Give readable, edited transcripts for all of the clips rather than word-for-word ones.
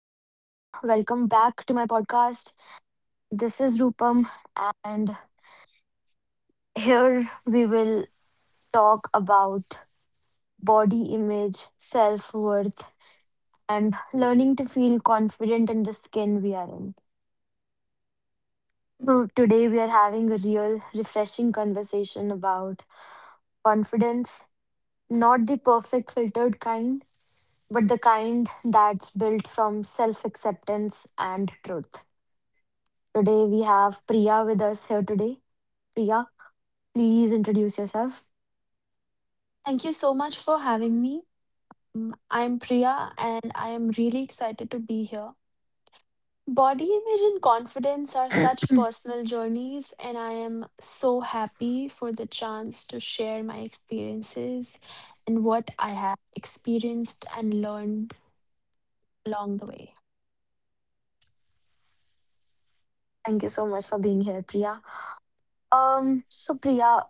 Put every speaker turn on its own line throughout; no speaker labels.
Welcome back to my podcast. This is Rupam, and here we will talk about body image, self worth, and learning to feel confident in the skin we are in. So today, we are having a real, refreshing conversation about confidence, not the perfect filtered kind, but the kind that's built from self acceptance and truth. Today we have Priya with us here today. Priya, please introduce yourself.
Thank you so much for having me. Mm, I'm Priya and I am really excited to be here. Body image and confidence are such personal journeys, and I am so happy for the chance to share my experiences and what I have experienced and learned along the way.
Thank you so much for being here, Priya. So Priya,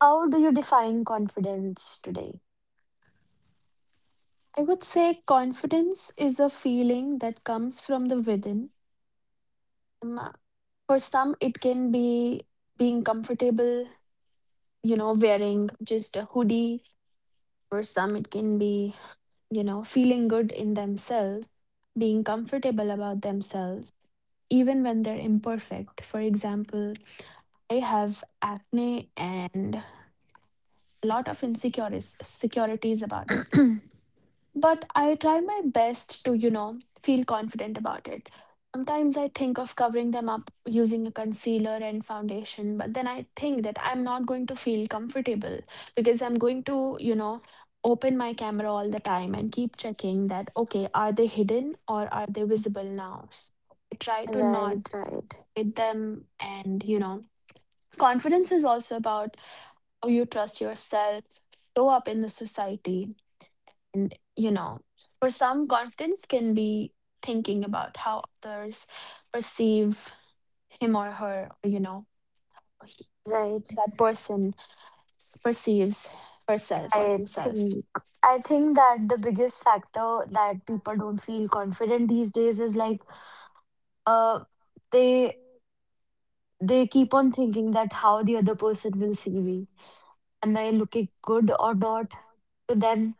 how do you define confidence today?
I would say confidence is a feeling that comes from the within. Um, for some, it can be being comfortable, you know, wearing just a hoodie. For some, it can be, you know, feeling good in themselves, being comfortable about themselves, even when they're imperfect. For example, I have acne and a lot of insecurities about it. But I try my best to, you know, feel confident about it. Sometimes I think of covering them up using a concealer and foundation, but then I think that I'm not going to feel comfortable because I'm going to, you know, open my camera all the time and keep checking that, okay, are they hidden or are they visible now? So I try to not
Right, right,
hit them and, you know, confidence is also about how you trust yourself, show up in the society, and, you know, for some, confidence can be thinking about how others perceive him or her, or, you know, he-
right.
that person perceives herself or
I
himself.
think I think that the biggest factor that people don't feel confident these days is like, uh they they keep on thinking that how the other person will see me. Am I looking good or not to them?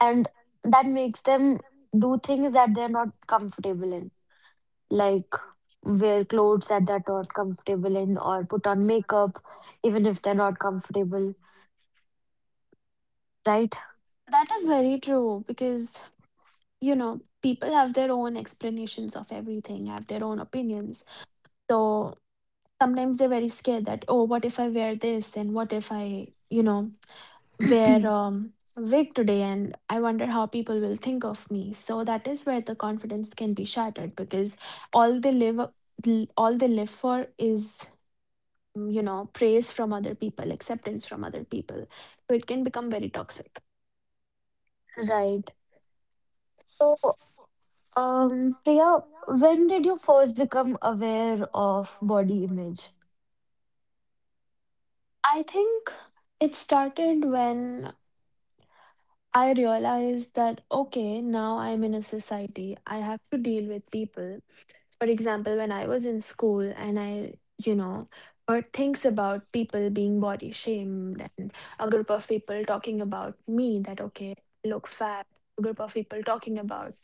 And that makes them do things that they're not comfortable in, like wear clothes that they're not comfortable in, or put on makeup even if they're not comfortable, right?
That is very true because, you know, people have their own explanations of everything, have their own opinions. So sometimes they're very scared that, oh, what if I wear this? And what if I, you know, wear a wig today? And I wonder how people will think of me. So that is where the confidence can be shattered because all they live, all they live for is, you know, praise from other people, acceptance from other people. So it can become very toxic.
Right. So, Priya, when did you first become aware of body image?
I think it started when I realized that, okay, now I'm in a society, I have to deal with people, for example, when I was in school and I, you know, heard things about people being body shamed and a group of people talking about me that, okay, I look fat, a group of people talking about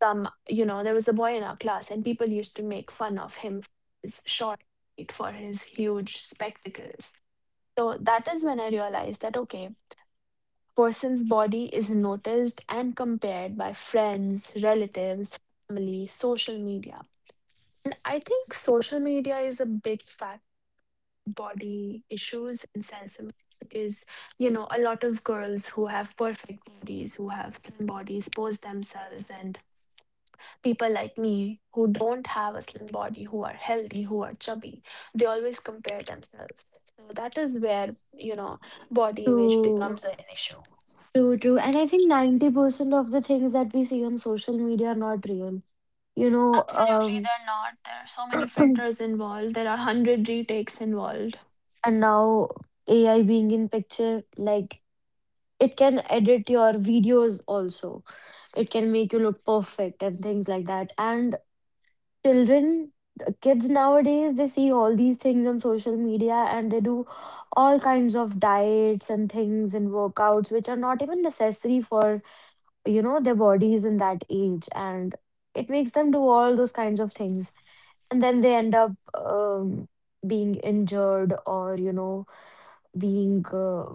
some, you know, there was a boy in our class and people used to make fun of him for his short height, for his huge spectacles. So that is when I realized that, okay, person's body is noticed and compared by friends, relatives, family, social media, and I think social media is a big fat body issues and self-image because, you know, a lot of girls who have perfect bodies, who have slim bodies, pose themselves, and people like me who don't have a slim body, who are healthy, who are chubby, they always compare themselves. So that is where, you know, body image
True,
becomes an issue.
true, true. And I think 90% of the things that we see on social media are not real. You know,
Absolutely,
um,
they're not. There are so many filters involved. There are 100 retakes involved.
and now AI being in picture, like it can edit your videos also, it can make you look perfect and things like that. And children kids nowadays, they see all these things on social media and they do all kinds of diets and things and workouts which are not even necessary for, you know, their bodies in that age, and it makes them do all those kinds of things. And then they end up being injured, or, you know, being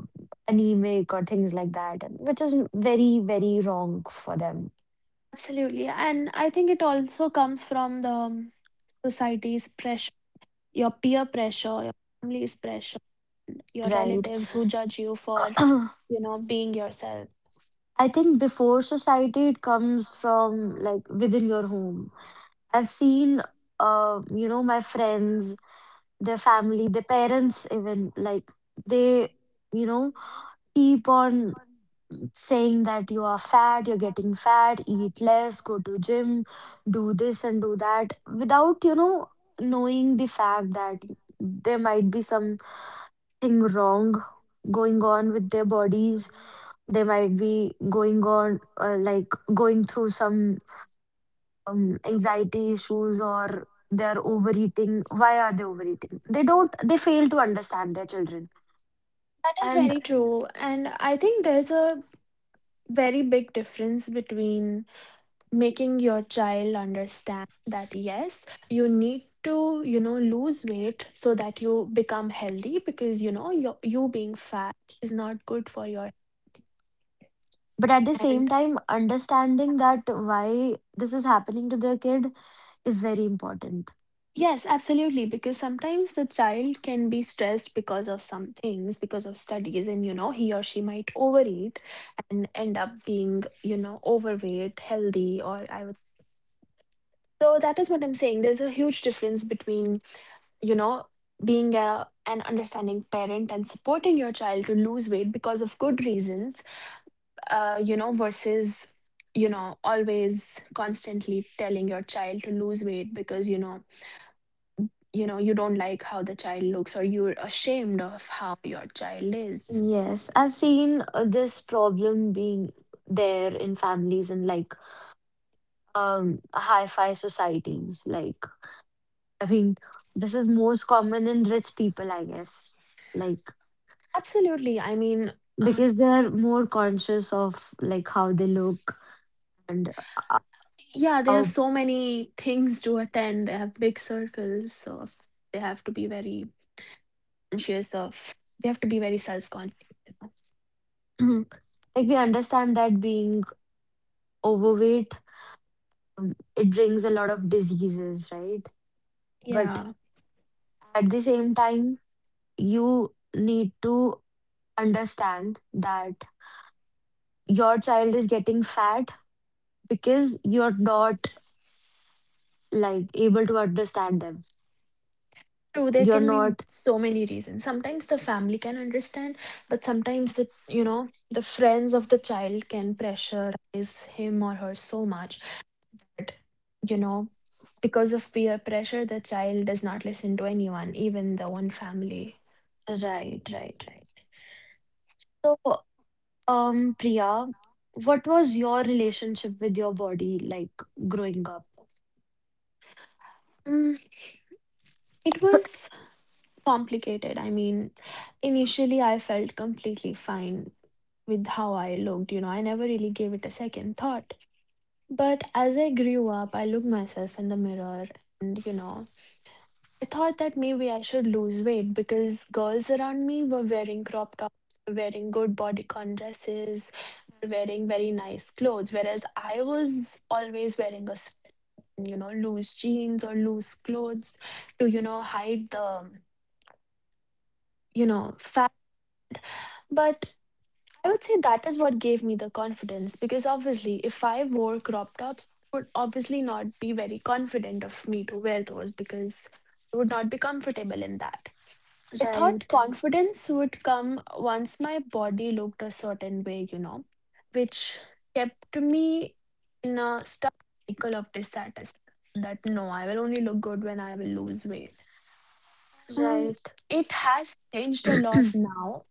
anemic or things like that, which is very, very wrong for them,
Absolutely. And I think it also comes from the society's pressure, your peer pressure, your family's pressure, your
right?
relatives who judge you for, you know, being yourself.
I think before society, it comes from like within your home. I've seen, you know, my friends, their family, their parents, even like they, you know, keep on saying that you are fat, you're getting fat, eat less, go to gym, do this and do that without, you know, knowing the fact that there might be something wrong going on with their bodies. They might be going on, like going through some anxiety issues, or they're overeating. Why are they overeating? They don't, they fail to understand their children.
That is
And
very true. And I think there's a very big difference between making your child understand that, yes, you need to, you know, lose weight so that you become healthy because, you know, your, you being fat is not good for your.
But at the
And
same time, understanding that why this is happening to the kid is very important.
yes, absolutely. Because sometimes the child can be stressed because of some things, because of studies, and you know, he or she might overeat and end up being, you know, overweight, healthy, or I would. So that is what I'm saying. There's a huge difference between, you know, being a an understanding parent and supporting your child to lose weight because of good reasons, you know, versus, you know, always constantly telling your child to lose weight because, you know, you know, you don't like how the child looks or you're ashamed of how your child is.
Yes, I've seen this problem being there in families and like hi-fi societies. Like, I mean, this is most common in rich people, I guess. Like,
Absolutely. I mean, um,
because they're more conscious of like how they look and uh,
yeah, they have
how
so many things to attend. They have big circles, so they have to be very conscious of, they have to be very self-conscious, you know.
like we understand that being overweight, it brings a lot of diseases, right? But
Yeah.
at the same time, you need to understand that your child is getting fat because you're not like able to understand them.
True, there
You're
can be
not.
so many reasons. Sometimes the family can understand, but sometimes the, you know, the friends of the child can pressurize him or her so much, you know, because of peer pressure the child does not listen to anyone, even the one family.
Right, right, right. So, Priya, what was your relationship with your body like growing up?
mm, it was complicated. I mean, initially I felt completely fine with how I looked, you know, I never really gave it a second thought. But as I grew up I looked myself in the mirror and you know I thought that maybe I should lose weight because girls around me were wearing crop tops, were wearing good bodycon dresses, were wearing very nice clothes, whereas I was always wearing a sweat, you know, loose jeans or loose clothes to, you know, hide the, you know, fat. But I would say that is what gave me the confidence because obviously, if I wore crop tops, it would obviously not be very confident of me to wear those because I would not be comfortable in that. I thought
Right,
confidence would come once my body looked a certain way, you know, which kept me in a stuck cycle of dissatisfaction that no, I will only look good when I will lose weight. Um,
right.
it has changed a lot now.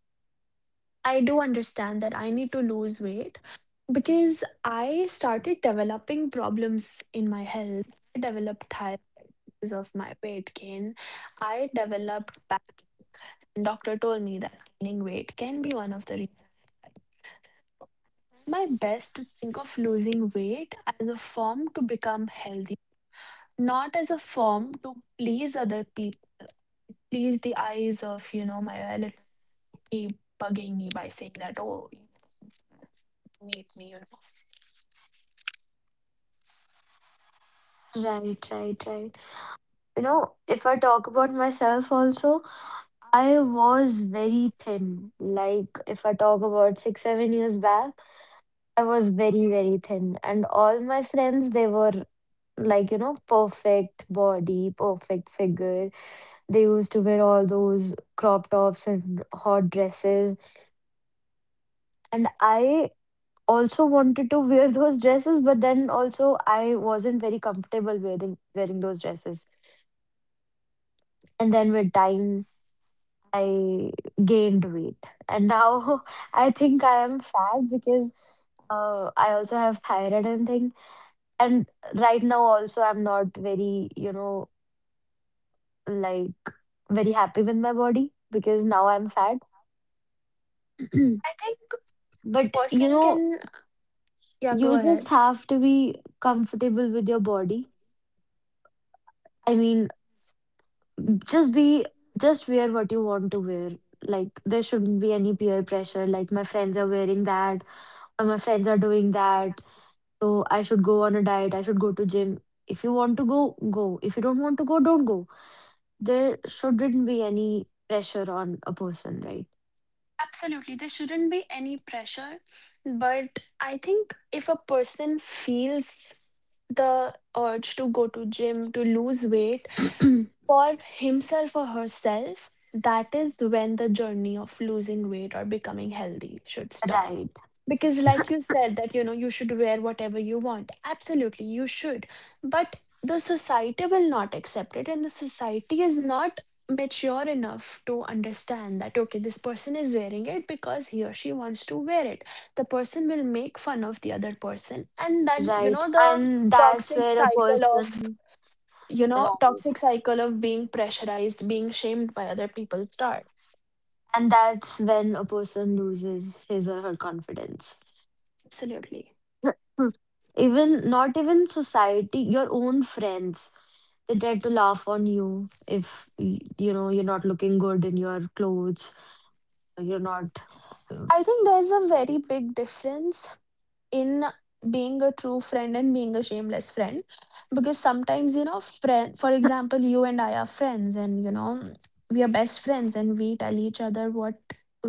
I do understand that I need to lose weight because I started developing problems in my health. I developed thyroid because of my weight gain. I developed back, doctor told me that gaining weight can be one of the reasons. My best to think of losing weight as a form to become healthy, not as a form to please other people, please the eyes of you know my relative keep bugging me by saying that oh you meet me. You know,
Right, right, right. You know, if I talk about myself also, I was very thin. Like, if I talk about six, 7 years back, I was very, very thin. And all my friends, they were like, you know, perfect body, perfect figure. They used to wear all those crop tops and hot dresses. And I also wanted to wear those dresses, but then also I wasn't very comfortable wearing those dresses. And then with time, I gained weight. And now, I think I am fat because, I also have thyroid and thing. And right now also I'm not very, you know, like, very happy with my body because now I'm fat.
I think a
but you
person
know,
can, yeah, go
you just
ahead.
have to be comfortable with your body. I mean, just be just wear what you want to wear. Like, there shouldn't be any peer pressure. Like, my friends are wearing that, or my friends are doing that. So I should go on a diet, I should go to gym. If you want to go, go. If you don't want to go, don't go. There shouldn't be any pressure on a person, right?
Absolutely, there shouldn't be any pressure, but I think if a person feels the urge to go to gym to lose weight for himself or herself, that is when the journey of losing weight or becoming healthy should start
Right,
because, like you said, that you know, you should wear whatever you want. Absolutely, you should. But the society will not accept it, and the society is not mature enough to understand that okay, this person is wearing it because he or she wants to wear it. The person will make fun of the other person, and then you
right.
know, the
And that's
toxic
where a
cycle of
person,
you know,
right.
toxic cycle of being pressurized, being shamed by other people start.
And that's when a person loses his or her confidence.
Absolutely.
even not even society, your own friends, they tend to laugh on you if you know, you're not looking good in your clothes, or you're not. uh,
I think there's a very big difference in being a true friend and being a shameless friend because sometimes you know friend, for example, you and I are friends and you know we are best friends and we tell each other what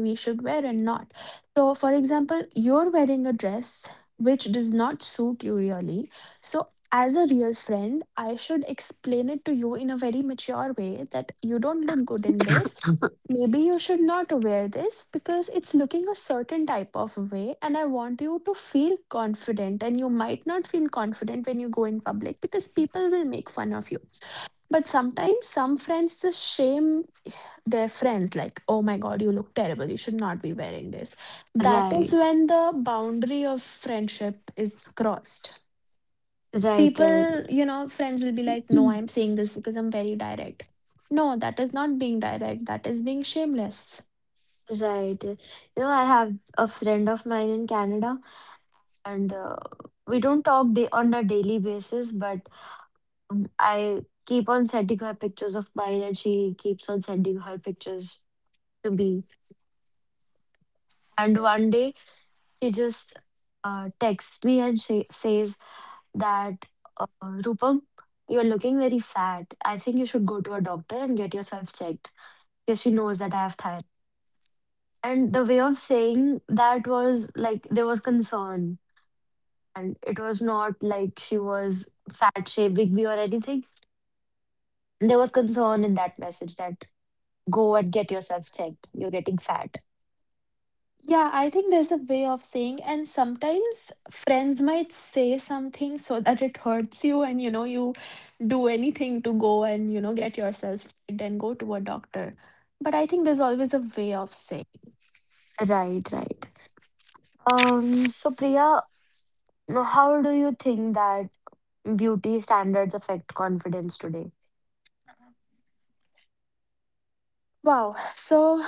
we should wear and not. So for example, you're wearing a dress which does not suit you really, so as a real friend I should explain it to you in a very mature way that you don't look good in this. Maybe you should not wear this because it's looking a certain type of way, and I want you to feel confident. And you might not feel confident when you go in public because people will make fun of you. But sometimes some friends just shame their friends, like, oh my god, you look terrible, you should not be wearing this. That is
right.
when the boundary of friendship is crossed.
Right, right.
People, you know, friends will be like, no,
Mm.
I'm saying this because I'm very direct. No, that is not being direct, that is being shameless.
Right. You know, I have a friend of mine in Canada, and, we don't talk day on a daily basis, but, I keep on sending her pictures of mine, and she keeps on sending her pictures to me. And one day, she just texts me and she says that, Rupam, you're looking very fat. I think you should go to a doctor and get yourself checked, because she knows that I have thyroid. And the way of saying that was like there was concern, and it was not like she was fat shaming me or anything. There was concern in that message that go and get yourself checked. You're getting fat.
Yeah, I think there's a way of saying, and sometimes friends might say something so that it hurts you, and you know, you do anything to go and you know, get yourself checked and go to a doctor. But I think there's always a way of saying,
Right, right. So Priya, how do you think that beauty standards affect confidence today?
wow. So,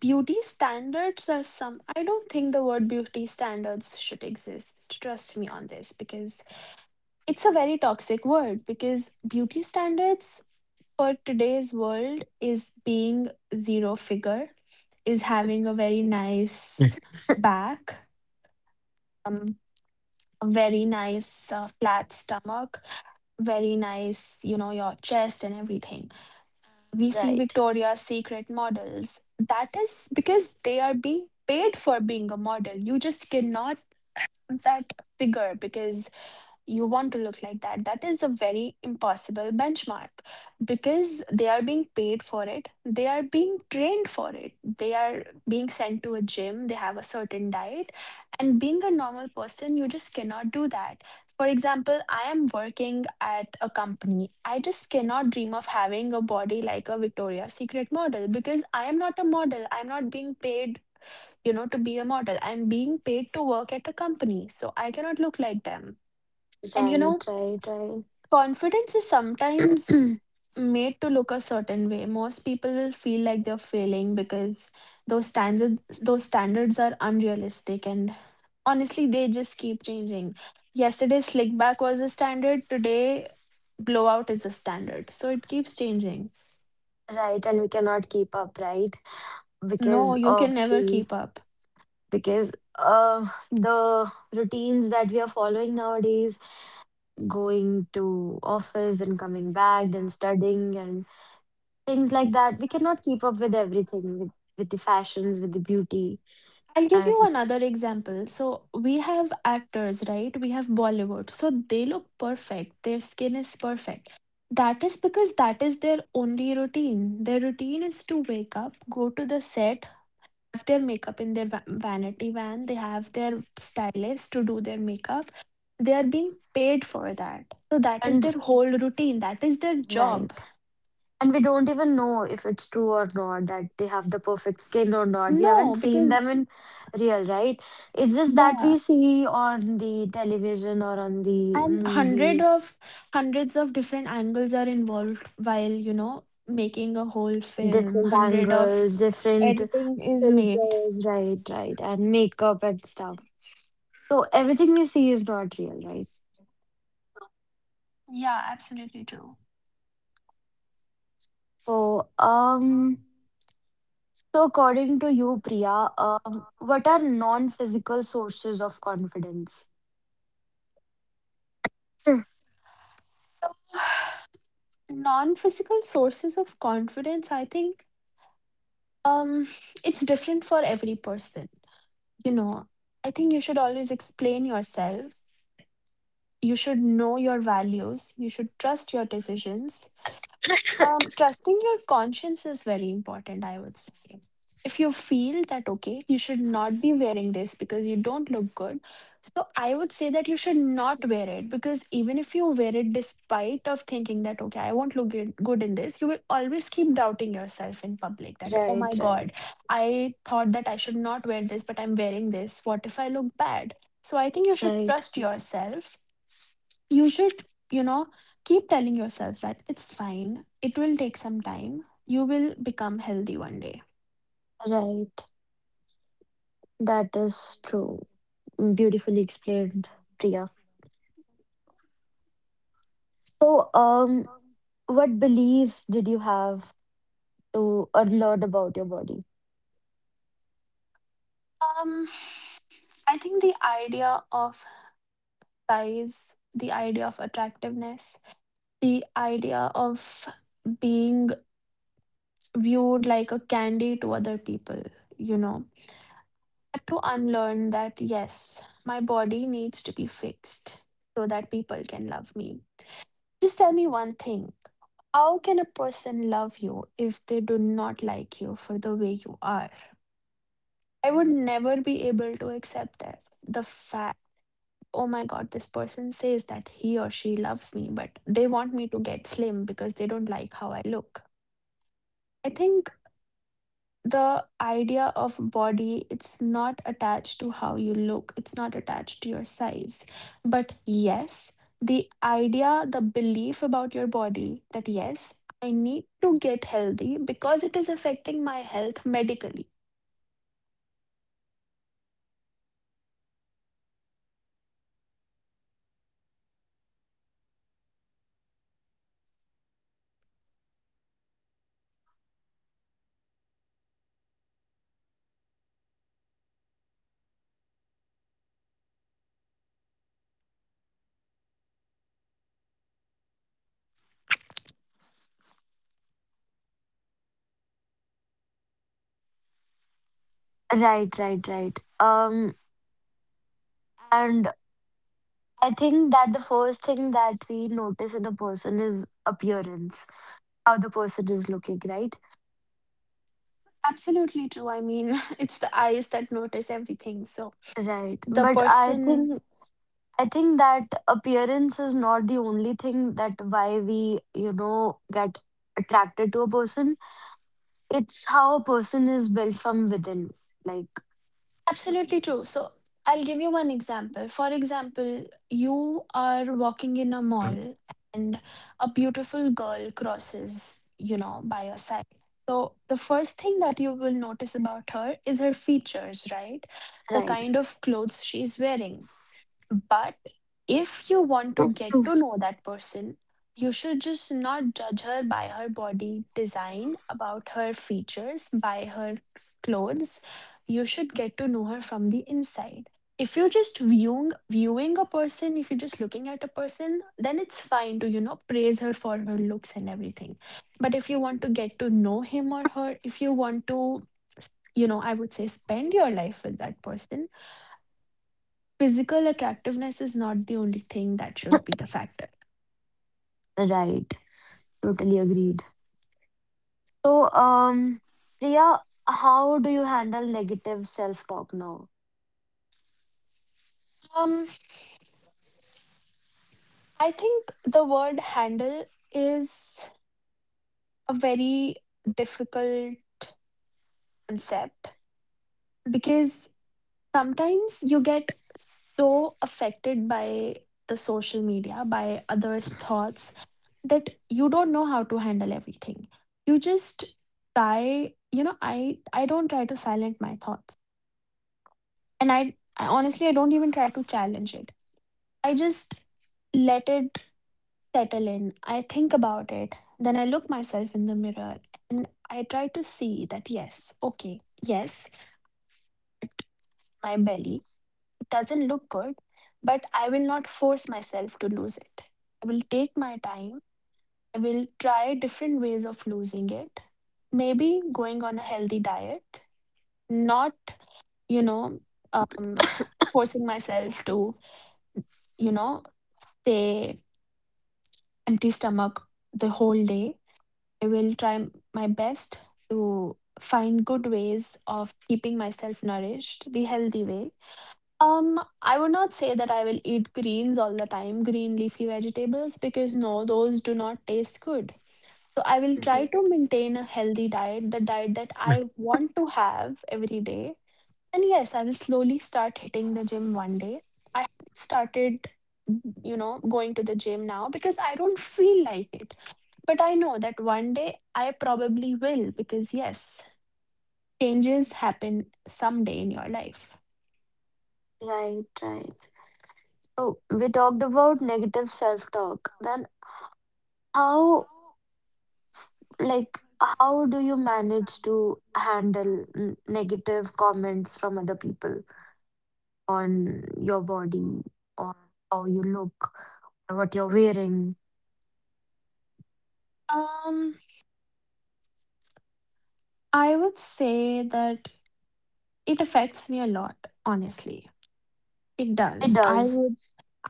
beauty standards are some, I don't think the word beauty standards should exist. Trust me on this because it's a very toxic word because beauty standards for today's world is being zero figure, is having a very nice back, um, a very nice flat stomach, very nice, you know, your chest and everything. We see
Right,
Victoria's Secret models. That is because they are being paid for being a model. You just cannot have that figure because you want to look like that. That is a very impossible benchmark because they are being paid for it, they are being trained for it, they are being sent to a gym, they have a certain diet. And being a normal person, you just cannot do that. For example, I am working at a company. I just cannot dream of having a body like a Victoria's Secret model because I am not a model. I'm not being paid, you know, to be a model. I'm being paid to work at a company. So I cannot look like them. And you
right,
know,
right, right.
Confidence is sometimes made to look a certain way. Most people will feel like they're failing because those standards are unrealistic and honestly they just keep changing. Yesterday slick back was the standard, today blowout is the standard. So it keeps changing.
Right, and we cannot keep up, right?
No,
Because
you can
of
never
the,
keep up.
because the routines that we are following nowadays, going to office and coming back, then studying and things like that, we cannot keep up with everything, with the fashions, with the beauty,
I'll give you
and
another example. So we have actors, right? We have Bollywood. So they look perfect. Their skin is perfect. That is because that is their only routine. Their routine is to wake up, go to the set, have their makeup in their vanity van. They have their stylist to do their makeup. They are being paid for that. So that is
and
their whole routine. That is their job.
right. And we don't even know if it's true or not, that they have the perfect skin or not. We
No,
haven't seen
because,
them in real, right? It's just that
yeah.
we see on the television or on the
and hundred
movies
of hundreds of different angles are involved while making a whole film
different
hundred of
angles, different
editing is made.
filters, right, right, and makeup and stuff. So, everything we see is not real, right?
Yeah, absolutely true.
So, um, so, according to you, Priya, what are non-physical sources of confidence? Hmm.
Non-physical sources of confidence, I think, um it's different for every person, you know I think you should always explain yourself. You should know your values, you should trust your decisions. Trusting your conscience is very important, I would say. If you feel that, okay, you should not be wearing this because you don't look good, so I would say that you should not wear it because even if you wear it despite of thinking that, okay, I won't look good in this, you will always keep doubting yourself in public that, oh
Right,
my
right,
God, I thought that I should not wear this, but I'm wearing this. What if I look bad? So I think you should
right,
trust yourself, you should, you know keep telling yourself that it's fine, it will take some time, you will become healthy one day.
right. That is true. Beautifully explained, Priya. So, what beliefs did you have to learn about your body?
um I think the idea of size, the idea of attractiveness, the idea of being viewed like a candy to other people, you know had to unlearn that, yes, my body needs to be fixed so that people can love me. Just tell me one thing. How can a person love you if they do not like you for the way you are? I would never be able to accept that. The fact, oh my God, this person says that he or she loves me, but they want me to get slim because they don't like how I look. I think the idea of body, it's not attached to how you look, it's not attached to your size, but yes, the idea, the belief about your body, that yes, I need to get healthy because it is affecting my health medically.
Right, right, right. And. I think that the first thing that we notice in a person is appearance, how the person is looking, right?
Absolutely true, I mean, it's the eyes that notice everything, so
Right.
the
But I
person.
think I think that appearance is not the only thing that why we, you know, get attracted to a person. It's how a person is built from within. Like,
Absolutely true. So I'll give you one example. For example, you are walking in a mall and a beautiful girl crosses, by your side. So the first thing that you will notice about her is her features, right? The
right.
kind of clothes she's wearing. But if you want to get to know that person, you should just not judge her by her body design, about her features, by her clothes. You should get to know her from the inside. If you're just viewing a person, if you're just looking at a person, then it's fine to, praise her for her looks and everything. But if you want to get to know him or her, if you want to, I would say spend your life with that person, physical attractiveness is not the only thing that should be the factor.
Right. Totally agreed. So, Priya, how do you handle negative self talk now?
Um, I think the word handle is a very difficult concept because sometimes you get so affected by the social media, by others' thoughts, that you don't know how to handle everything. You just try, I don't try to silence my thoughts. And I honestly I don't even try to challenge it. I just let it settle in. I think about it. Then I look myself in the mirror and I try to see that yes, okay, yes, my belly doesn't look good, but I will not force myself to lose it. I will take my time. I will try different ways of losing it. Maybe going on a healthy diet, not, you know, um, forcing myself to, you know, stay empty stomach the whole day. I will try my best to find good ways of keeping myself nourished the healthy way. I would not say that I will eat greens all the time, green leafy vegetables, because no, those do not taste good. So I will
Mhm.
try to maintain a healthy diet, the diet that I want to have every day. And yes, I will slowly start hitting the gym one day. I haven't started, going to the gym now because I don't feel like it. But I know that one day I probably will because, yes, changes happen someday in your life.
Right, right. So we talked about negative self-talk. Then, how like how do you manage to handle negative comments from other people on your body, or how you look, or what you're wearing?
Um, I would say that it affects me a lot, honestly. It
It
does.
does.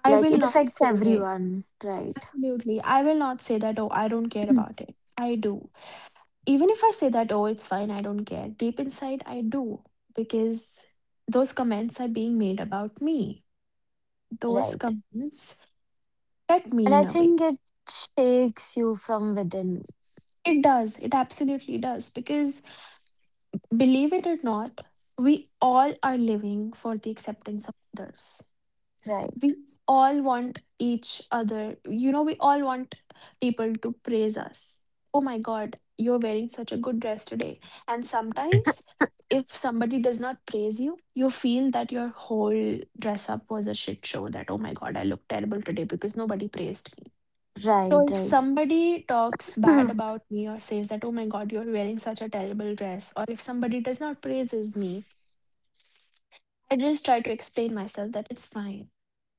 I
Like,
will
it
not
affects
say
everyone, right?
absolutely. I will not say that, oh, I don't care
Mm.
about it. I do. Even if I say that, oh, it's fine, I don't care. Deep inside, I do because those comments are being made about me. Those
Right.
comments affect
And
me
I
in a way.
think it shakes you from within.
It does. It absolutely does because believe it or not, we all are living for the acceptance of others. We
Right.
all want each other, we all want people to praise us. Oh my god, you're wearing such a good dress today. And sometimes, if somebody does not praise you, you feel that your whole dress up was a shit show, that oh my god, I look terrible today because nobody praised me. So
Right,
if
right.
somebody talks bad
Right,
about me or says that oh my god, you're wearing such a terrible dress, or if somebody does not praises me, I just try to explain myself that it's fine,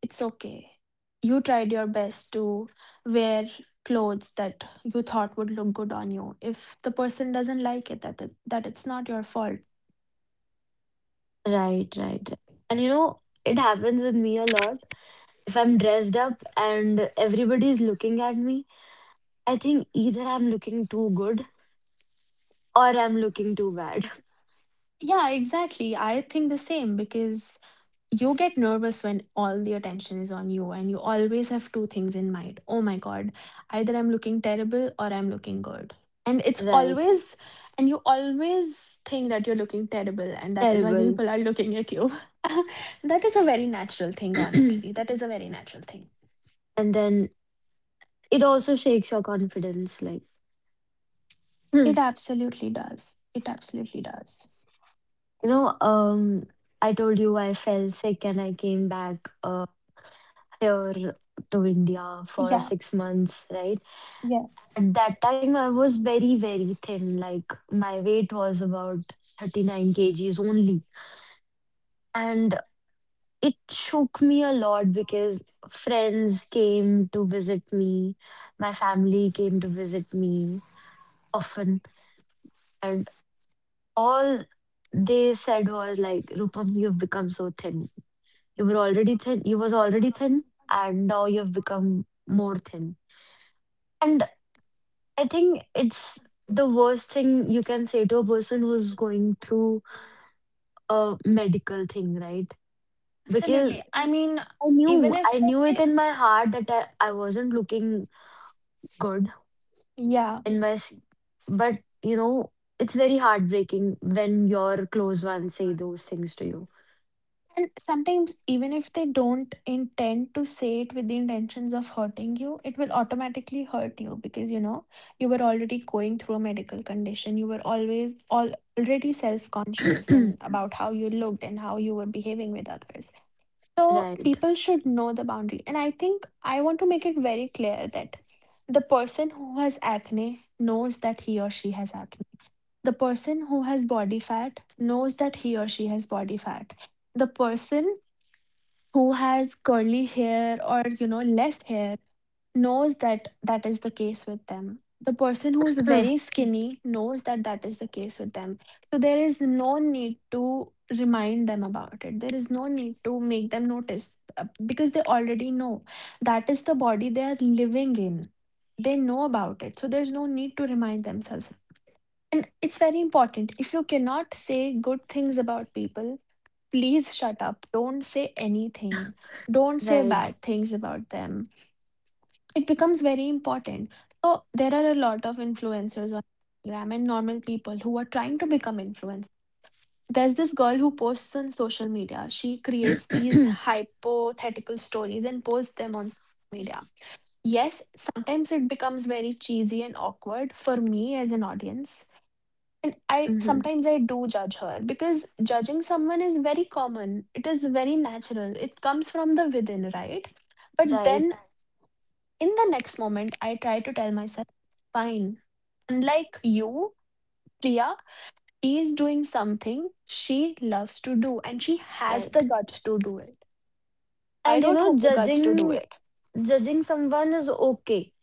it's okay. You tried your best to wear clothes that you thought would look good on you. If the person doesn't like it, that it's not your fault.
right, right. And you know, it happens with me a lot. If I'm dressed up and everybody is looking at me, I think either I'm looking too good or I'm looking too bad.
Yeah, exactly. I think the same because you get nervous when all the attention is on you and you always have two things in mind. Oh my God, either I'm looking terrible or I'm looking good. And it's
Right.
always, and you always think that you're looking terrible and that is why
Terrible.
people are looking at you. That is a very natural thing,
And
honestly. That is a very natural thing.
then it also shakes your confidence. Like, hmm.
It absolutely does. It absolutely does.
you know, um, I told you I fell sick and I came back, here to India for
Yeah.
6 months, right?
Yes.
At that time, I was very, very thin. Like, my weight was about 39 kgs only. And it shook me a lot because friends came to visit me, my family came to visit me often, and all they said was like, "Rupam, you've become so thin. You were already thin. You was already thin, and now you've become more thin." And I think it's the worst thing you can say to a person who's going through a medical thing, right? Because
Absolutely. I mean,
I knew,
even if
I knew it
they,
in my heart that I wasn't looking good,
Yeah.
and my but, you know it's very heartbreaking when your close ones say those things to
And sometimes, even if they don't intend to say it with the intentions of hurting you, it will automatically hurt you because you know you were already going through a medical condition. You were always all already self-conscious
you.
and about how you looked and how you were behaving with others. So
Right.
people should know the boundary. And I think I want to make it very clear that the person who has acne knows that he or she has acne. The person who has body fat knows that he or she has body fat. The person who has curly hair, or less hair, knows that that is the case with them. The person who is very skinny knows that that is the case with them. So there is no need to remind them about it. There is no need to make them notice, because they already know that is the body they are living in. They know about it. So there's no need to remind themselves, and it's very important. If you cannot say good things about people, please shut up. Don't say anything. Don't say
Right.
bad things about them. It becomes very important. So there are a lot of influencers on Instagram and normal people who are trying to become influencers. There's this girl who posts on social media. She creates these hypothetical stories and posts them on social media. Yes, sometimes it becomes very cheesy and awkward for me as an audience. And I
Mhm.
sometimes I do judge her because judging someone is very common. It is very natural. It comes from the within, right? But
Right,
then in the next moment, I try to tell myself, fine. Unlike you, Priya, she is doing something she loves to do and she has the
right.
guts to do it. I
And you
don't
know,
have the guts to do
judging
it.
judging someone is okay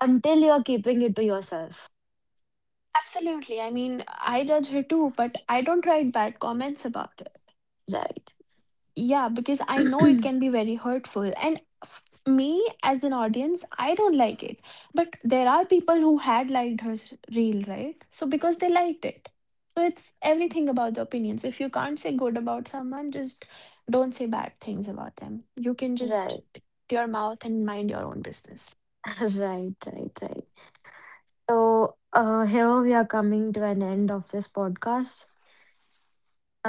until you're keeping it to yourself,
Absolutely. I mean, I judge her too, but I don't write bad comments about it.
right.
Yeah, because I know it can be very hurtful. And me as an audience, I don't like it. But there are people who had liked her reel, right? So because they liked it. So it's everything about the opinion. So if you can't say good about someone, just don't say bad things about them. You can just
Right.
shut your mouth and mind your own business.
Right, right, right. So, here we are coming to an end of this podcast.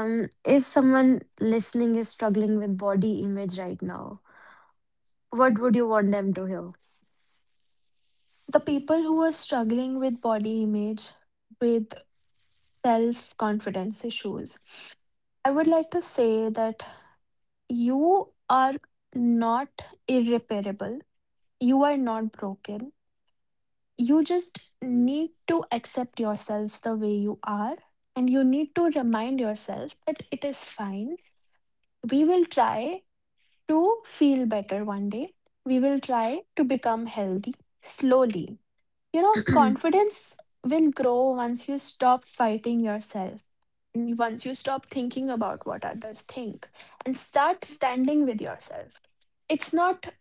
If someone listening is struggling with body image right now, what would you want them to hear?
The people who are struggling with body image, with self confidence issues, I would like to say that you are not irreparable. You are not broken. You just need to accept yourself the way you are. And you need to remind yourself that it is fine. We will try to feel better one day. We will try to become healthy slowly. You know, confidence will grow once you stop fighting yourself. And once you stop thinking about what others think and start standing with yourself. It's not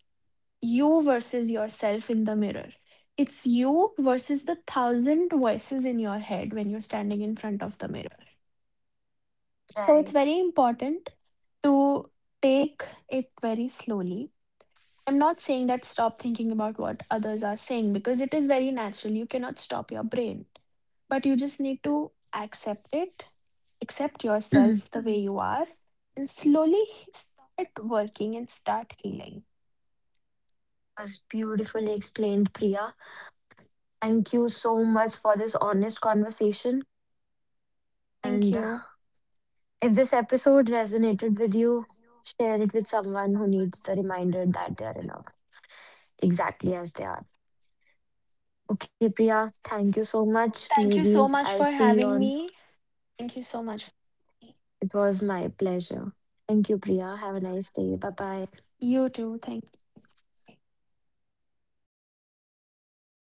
you versus yourself in the mirror. It's you versus the thousand voices in your head when you're standing in front of the mirror. So it's
Right.
very important to take it very slowly. I'm not saying that stop thinking about what others are saying because it is very natural. You cannot stop your brain, but you just need to accept it, accept yourself the way Mhm. you are, and slowly start working and start healing.
Was beautifully explained, Priya. Thank you so much for this honest conversation.
Thank
And
you.
if this episode resonated with you, share it with someone who needs the reminder that they are enough, exactly as they are. Okay, Priya, thank you so much.
Thank you
Maybe
so much
I'll
for
see you
having
on.
me. Thank you so much.
It was my pleasure. Thank you, Priya. Have a nice day. Bye bye.
You too. Thank you.